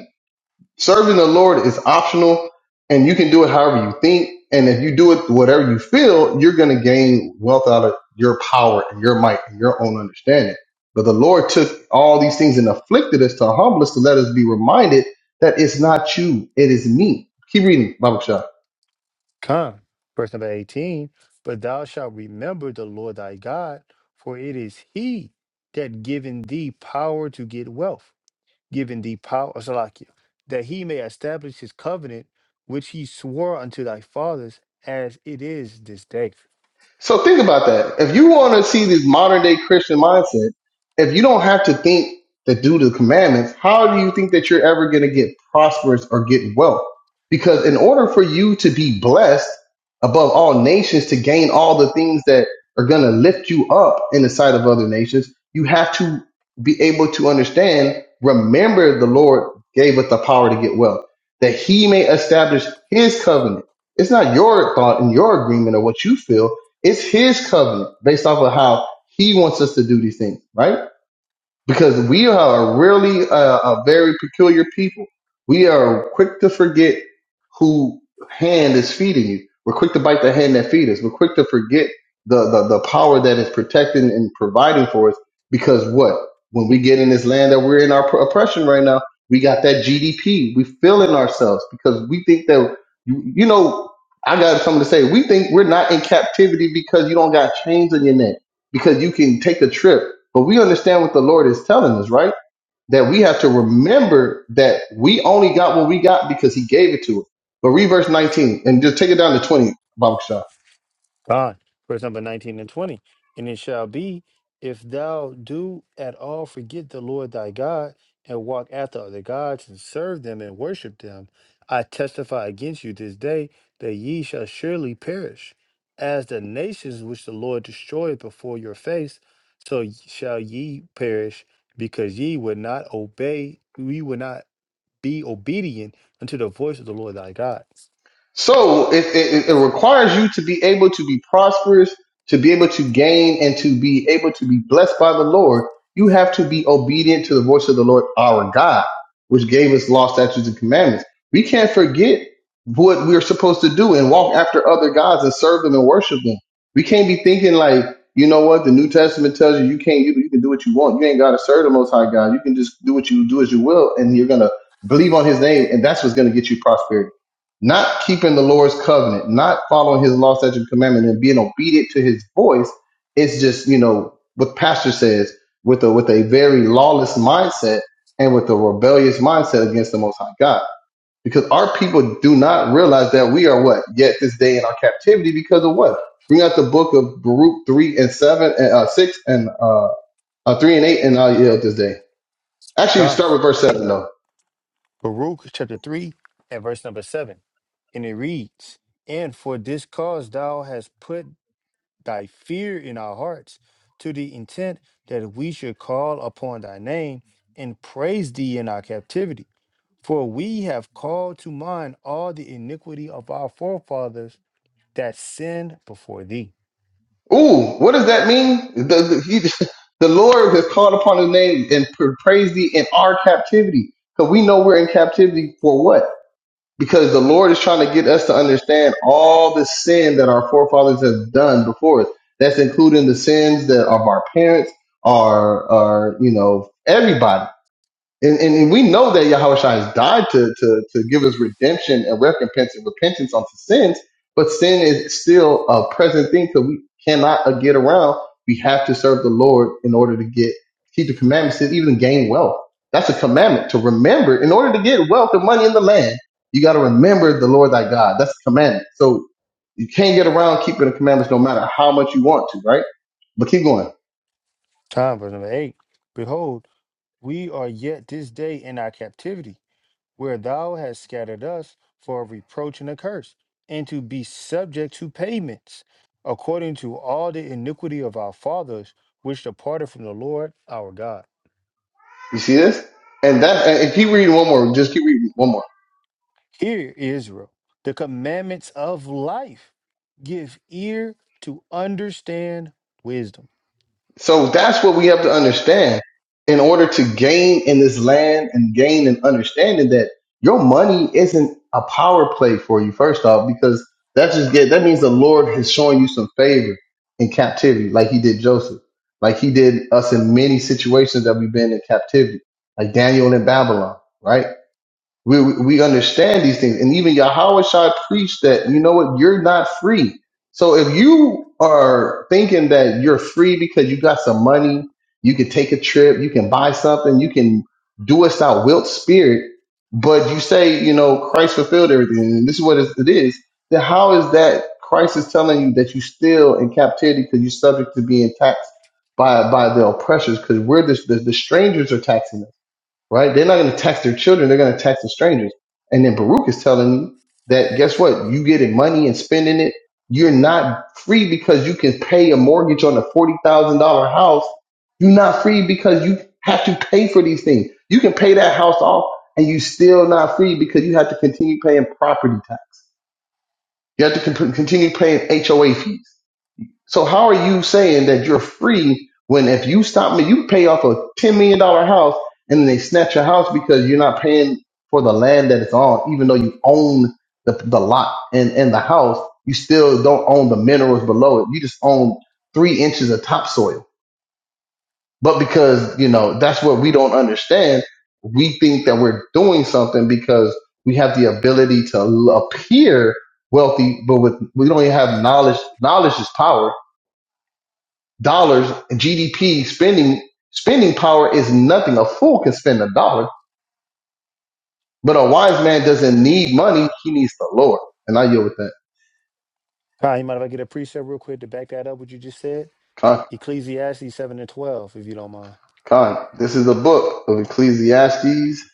Speaker 1: Serving the Lord is optional and you can do it however you think. And if you do it whatever you feel, you're going to gain wealth out of your power and your might and your own understanding. But the Lord took all these things and afflicted us to humble us to let us be reminded that it's not you, it is me. Keep reading, Bible
Speaker 3: Come, verse number 18. But thou shalt remember the Lord thy God, for it is he that given thee power to get wealth, given thee power, uh, Salakia, that he may establish his covenant, which he swore unto thy fathers, as it is this day.
Speaker 1: So think about that. If you want to see this modern day Christian mindset, if you don't have to think to do the commandments, how do you think that you're ever going to get prosperous or get wealth? Because in order for you to be blessed above all nations, to gain all the things that are going to lift you up in the sight of other nations, you have to be able to understand, remember the Lord gave us the power to get wealth, that he may establish his covenant. It's not your thought and your agreement or what you feel it's his covenant based off of how he wants us to do these things, right? because we are really a, a very peculiar people. We are quick to forget who hand is feeding you. We're quick to bite the hand that feeds us. We're quick to forget the, the, the power that is protecting and providing for us because what? When we get in this land that we're in our pr- oppression right now, we got that GDP. We feeling ourselves because we think that, you, you know, I got something to say. We think we're not in captivity because you don't got chains on your neck, because you can take a trip but we understand what the Lord is telling us, right? That we have to remember that we only got what we got because He gave it to us. But read verse 19 and just take it down to 20, Baruch Shah.
Speaker 3: God, verse number 19 and 20. And it shall be, if thou do at all forget the Lord thy God, and walk after other gods, and serve them and worship them, I testify against you this day that ye shall surely perish. As the nations which the Lord destroyed before your face, so y- shall ye perish, because ye would not obey, ye would not be obedient unto the voice of the Lord thy God.
Speaker 1: So it, it, it requires you to be able to be prosperous, to be able to gain, and to be able to be blessed by the Lord. You have to be obedient to the voice of the Lord our God, which gave us law, statutes, and commandments. We can't forget what we're supposed to do and walk after other gods and serve them and worship them. We can't be thinking like, you know what, the New Testament tells you you can't you, you can do what you want. You ain't gotta serve the most high God. You can just do what you do as you will, and you're gonna believe on his name, and that's what's gonna get you prosperity not keeping the Lord's covenant, not following his law, statute, and commandment, and being obedient to his voice, it's just, you know, what Pastor says, with a with a very lawless mindset and with a rebellious mindset against the most high God. Because our people do not realize that we are what? Yet this day in our captivity because of what? Bring out the book of Baruch three and seven and uh, six and uh, uh three and eight and I'll yield this day. Actually
Speaker 3: God.
Speaker 1: start with verse seven though.
Speaker 3: Baruch chapter 3 and verse number 7. And it reads, And for this cause thou hast put thy fear in our hearts, to the intent that we should call upon thy name and praise thee in our captivity. For we have called to mind all the iniquity of our forefathers that sinned before thee.
Speaker 1: Ooh, what does that mean? The, the, he, [LAUGHS] the Lord has called upon his name and pr- praised thee in our captivity. Because we know we're in captivity for what? Because the Lord is trying to get us to understand all the sin that our forefathers have done before us. That's including the sins that of our parents, our, our, you know, everybody. And, and, and we know that Yahushua has died to, to, to give us redemption and recompense and repentance unto sins, but sin is still a present thing because we cannot uh, get around. We have to serve the Lord in order to get keep the commandments to even gain wealth. That's a commandment to remember. In order to get wealth and money in the land, you got to remember the Lord thy God. That's a commandment. So you can't get around keeping the commandments no matter how much you want to, right? But keep going.
Speaker 3: Time, verse number 8. Behold, we are yet this day in our captivity where thou hast scattered us for a reproach and a curse, and to be subject to payments, according to all the iniquity of our fathers, which departed from the Lord our God.
Speaker 1: You see this? And that, and keep reading one more. Just keep reading one more.
Speaker 3: Hear, Israel, the commandments of life. Give ear to understand wisdom.
Speaker 1: So that's what we have to understand in order to gain in this land and gain an understanding that your money isn't a power play for you, first off, because that's just get that means the Lord has shown you some favor in captivity, like he did Joseph, like he did us in many situations that we've been in captivity, like Daniel in Babylon, right? We, we understand these things. And even Yahweh Shai preached that, you know what, you're not free. So if you are thinking that you're free because you got some money, you can take a trip, you can buy something, you can do us thou wilt spirit, but you say, you know, Christ fulfilled everything, and this is what it is, then how is that Christ is telling you that you still in captivity because you're subject to being taxed by by the oppressors because we're the, the, the strangers are taxing us right? They're not going to tax their children. They're going to tax the strangers. And then Baruch is telling you that guess what? You getting money and spending it. You're not free because you can pay a mortgage on a forty thousand dollar house. You're not free because you have to pay for these things. You can pay that house off, and you still not free because you have to continue paying property tax. You have to con- continue paying HOA fees. So how are you saying that you're free when if you stop me, you pay off a ten million dollar house and then they snatch your house because you're not paying for the land that it's on, even though you own the the lot and and the house, you still don't own the minerals below it. You just own three inches of topsoil. But because you know that's what we don't understand, we think that we're doing something because we have the ability to l- appear wealthy, but with we don't even have knowledge. Knowledge is power dollars in GDP spending spending power is nothing. A fool can spend a dollar, but a wise man doesn't need money. He needs the Lord. And I yield with that.
Speaker 3: Hi, you mind if I get a precept real quick to back that up, what you just said?
Speaker 1: Con,
Speaker 3: Ecclesiastes 7 and 12, if you don't mind.
Speaker 1: con. This is the book of Ecclesiastes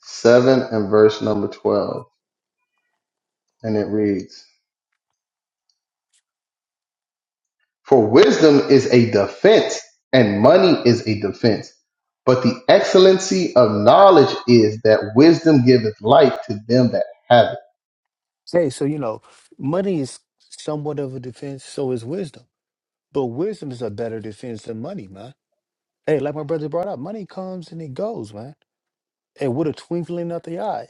Speaker 1: seven and verse number twelve, and it reads: For wisdom is a defense, and money is a defense. But the excellency of knowledge is that wisdom giveth life to them that have it.
Speaker 3: Hey, so you know, money is somewhat of a defense, so is wisdom But wisdom is a better defense than money, man. Hey, like my brother brought up, money comes and it goes, man. And with a twinkling of the eye,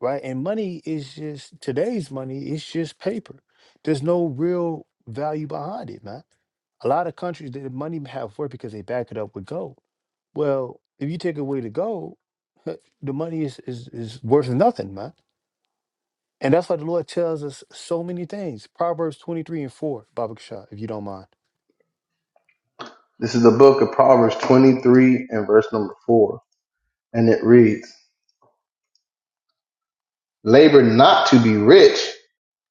Speaker 3: right? And money is just today's money, it's just paper. There's no real value behind it, man. A lot of countries the money have worth because they back it up with gold. Well, if you take away the gold, [LAUGHS] the money is, is is worth nothing, man. And that's why the Lord tells us so many things. Proverbs 23 and 4, Baba Kishar, if you don't mind.
Speaker 1: This is the book of Proverbs 23 and verse number 4 and it reads, Labor not to be rich,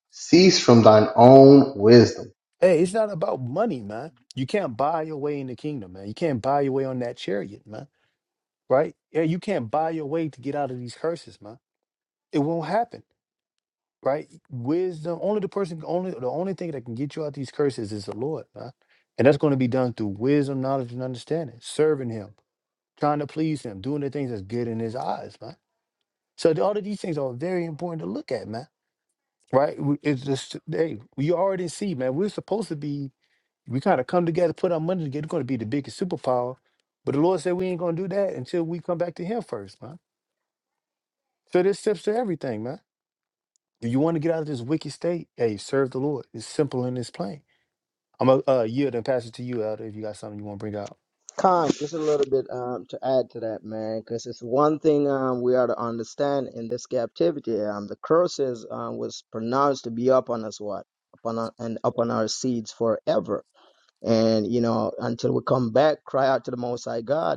Speaker 1: cease from thine own wisdom.
Speaker 3: Hey, it's not about money, man. You can't buy your way in the kingdom, man. You can't buy your way on that chariot, man. Right? Yeah, you can't buy your way to get out of these curses, man. It won't happen, right? Wisdom. Only the person. Only the only thing that can get you out these curses is the Lord, man. And that's going to be done through wisdom, knowledge, and understanding, serving Him, trying to please Him, doing the things that's good in His eyes, man. So all of these things are very important to look at, man. Right? We- It's just hey, we already see, man. We're supposed to be We kind of come together, put our money together. We're going to be the biggest superpower. But the Lord said we ain't going to do that until we come back to Him first, man. So there's steps to everything, man. If you want to get out of this wicked state, hey, serve the Lord. It's simple and it's plain. I'm going to uh, yield and pass it to you, Elder, if you got something you want to bring out.
Speaker 2: Con, just a little bit um, to add to that, man, because it's one thing um, we are to understand in this captivity. Um, the curses um, was pronounced to be upon us, what? Upon our, and upon our seeds forever. And, you know, until we come back, cry out to the Most High God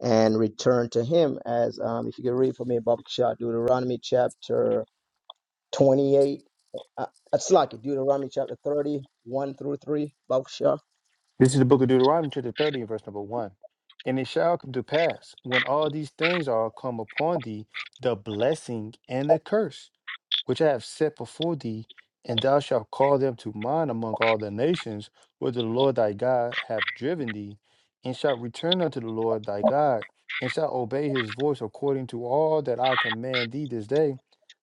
Speaker 2: and return to him as um, if you could read for me Baba Kishar, Deuteronomy chapter 28 uh, that's like it, Deuteronomy chapter thirty-one through 3 Baba Kishar.
Speaker 3: This is the book of Deuteronomy, chapter 30, and verse number 1. And it shall come to pass when all these things are come upon thee, the blessing and the curse. which I have set before thee, and thou shalt call them to mind among all the nations where the Lord thy God hath driven thee, and shalt return unto the Lord thy God, and shalt obey his voice according to all that I command thee this day,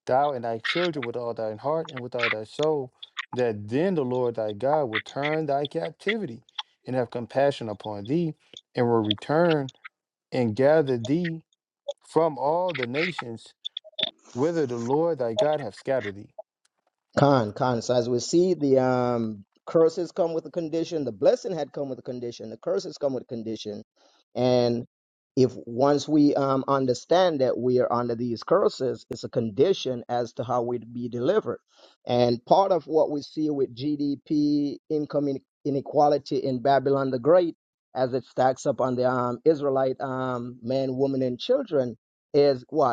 Speaker 3: thou and thy children with all thine heart and with all thy soul, that then the Lord thy God will turn thy captivity and have compassion upon thee, and will return and gather thee from all the nations whither the Lord thy God hath scattered thee.
Speaker 2: Con, con. So as we see, the um, curses come with a condition. The blessing had come with a condition. The curses come with a condition. And if once we um, understand that we are under these curses, it's a condition as to how we'd be delivered. And part of what we see with GDP, income in- inequality in Babylon the Great, as it stacks up on the um, Israelite um, men, women, and children, is what?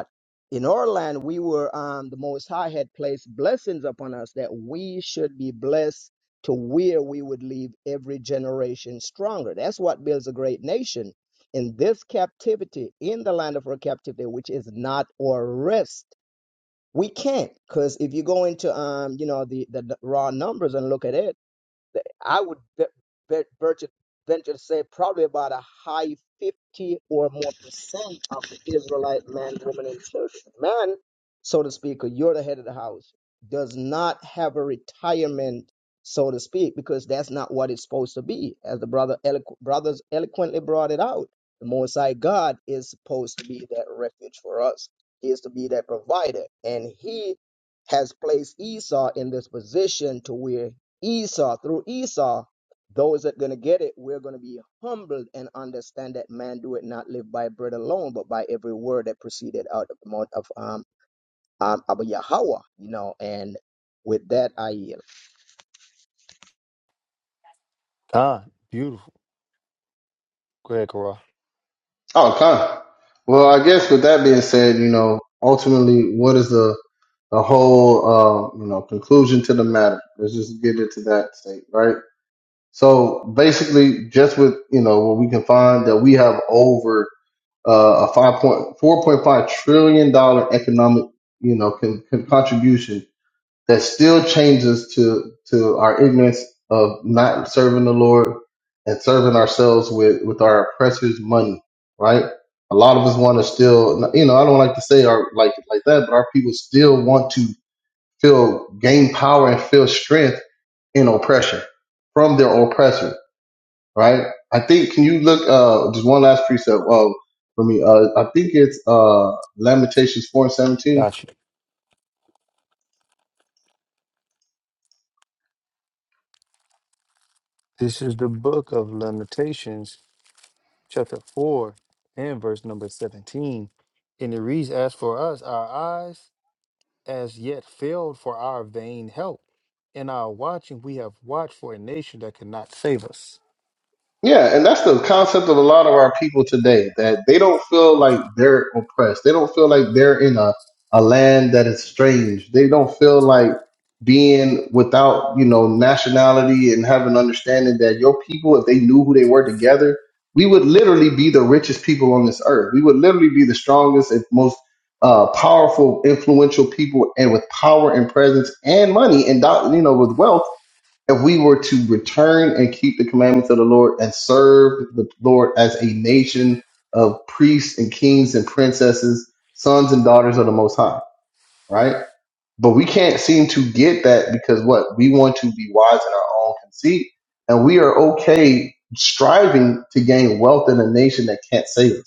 Speaker 2: in our land we were um the most high had placed blessings upon us that we should be blessed to where we would leave every generation stronger that's what builds a great nation in this captivity in the land of our captivity which is not our rest we can't because if you go into um you know the, the the raw numbers and look at it that I would ve- ve- venture, venture to say probably about a high 50 or more percent of the Israelite man, woman, and children, man, so to speak, or you're the head of the house, does not have a retirement, so to speak, because that's not what it's supposed to be. As the brother eloqu- brothers eloquently brought it out, the Most High God is supposed to be that refuge for us. He is to be that provider, and He has placed Esau in this position to where Esau, through Esau, those that are going to get it, we're going to be humbled and understand that man do it not live by bread alone, but by every word that proceeded out of the mouth of um, um Abba Yahweh, you know. And with that, I yield.
Speaker 3: Ah, beautiful. Greg Carra.
Speaker 1: Oh, come. Well, I guess with that being said, you know, ultimately, what is the, the whole, uh, you know, conclusion to the matter? Let's just get into that state, right? So basically, just with, you know, what we can find that we have over uh, a five point four point five trillion dollar economic, you know, con, con- contribution that still chains us to to our ignorance of not serving the Lord and serving ourselves with with our oppressors' money, right? A lot of us want to still, you know, I don't like to say our like like that, but our people still want to feel gain power and feel strength in oppression from their oppressor, right? I think can you look uh just one last precept uh, for me? Uh I think it's uh Lamentations four and seventeen.
Speaker 3: Got you. This is the book of Lamentations, chapter 4, and verse number 17. And it reads As for us, our eyes as yet failed for our vain help. In our watching, we have watched for a nation that cannot save us.
Speaker 1: Yeah, and that's the concept of a lot of our people today that they don't feel like they're oppressed. They don't feel like they're in a, a land that is strange. They don't feel like being without, you know, nationality and having understanding that your people, if they knew who they were together, we would literally be the richest people on this earth. We would literally be the strongest and most uh, powerful, influential people, and with power and presence and money and, doc- you know, with wealth if we were to return and keep the commandments of the Lord and serve the Lord as a nation of priests and kings and princesses, sons and daughters of the Most High, right? But we can't seem to get that because what? We want to be wise in our own conceit and we are okay striving to gain wealth in a nation that can't save us.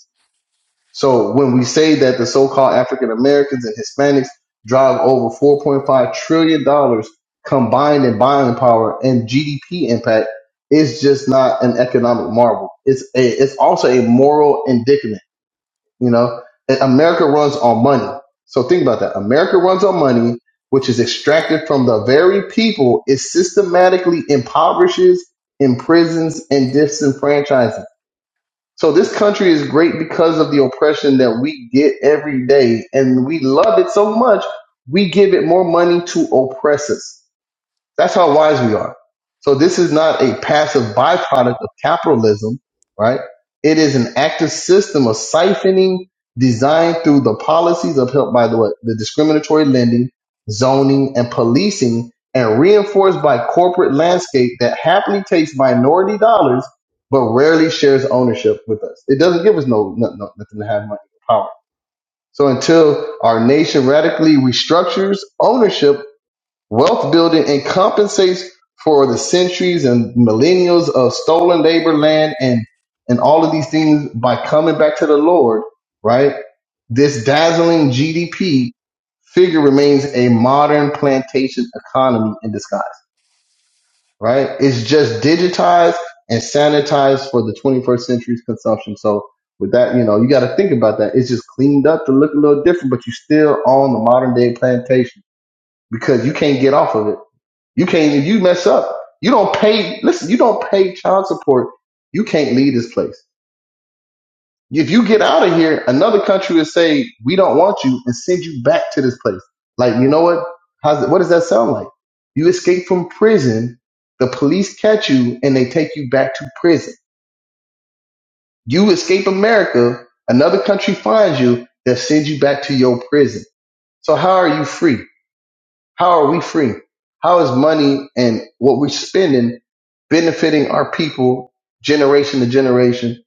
Speaker 1: So when we say that the so-called African Americans and Hispanics drive over 4.5 trillion dollars combined in buying power and GDP impact, it's just not an economic marvel. It's a, it's also a moral indictment. You know, And America runs on money. So think about that. America runs on money, which is extracted from the very people it systematically impoverishes, imprisons, and disenfranchises so this country is great because of the oppression that we get every day, and we love it so much we give it more money to oppress us. That's how wise we are. So this is not a passive byproduct of capitalism, right? It is an active system of siphoning designed through the policies upheld by the, what, the discriminatory lending, zoning, and policing, and reinforced by corporate landscape that happily takes minority dollars but rarely shares ownership with us. It doesn't give us no, no, no nothing to have money or power. So until our nation radically restructures ownership Wealth building and compensates for the centuries and millennials of stolen labor, land, and and all of these things by coming back to the Lord, right? This dazzling GDP figure remains a modern plantation economy in disguise, right? It's just digitized and sanitized for the 21st century's consumption. So with that, you know, you got to think about that. It's just cleaned up to look a little different, but you're still on the modern day plantation because you can't get off of it you can't if you mess up. You don't pay. Listen, you don't pay child support. You can't leave this place. If you get out of here, another country will say we don't want you and send you back to this place. Like you know what? How's what does that sound like? You escape from prison. The police catch you and they take you back to prison. You escape America. Another country finds you. They'll send you back to your prison. So how are you free? How are we free? How is money and what we're spending benefiting our people generation to generation,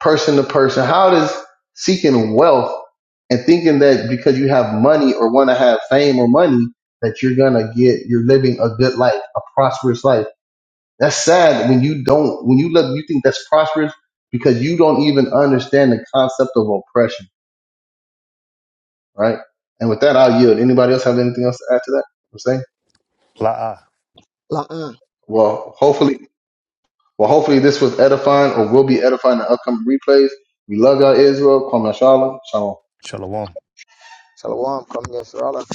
Speaker 1: person to person? How does seeking wealth and thinking that because you have money or want to have fame or money that you're going to get, you're living a good life, a prosperous life. That's sad when you don't, when you look, you think that's prosperous because you don't even understand the concept of oppression, right? And with that, I'll yield. Anybody else have anything else to add to that? I'm saying,
Speaker 3: La'a.
Speaker 2: La'an.
Speaker 1: well, hopefully Well, hopefully this was edifying or will be edifying in the upcoming replays. We love y'all, Israel. Kwame Shalom. Shalom.
Speaker 3: Shalom.
Speaker 2: Shalom. Come, yes, Allah.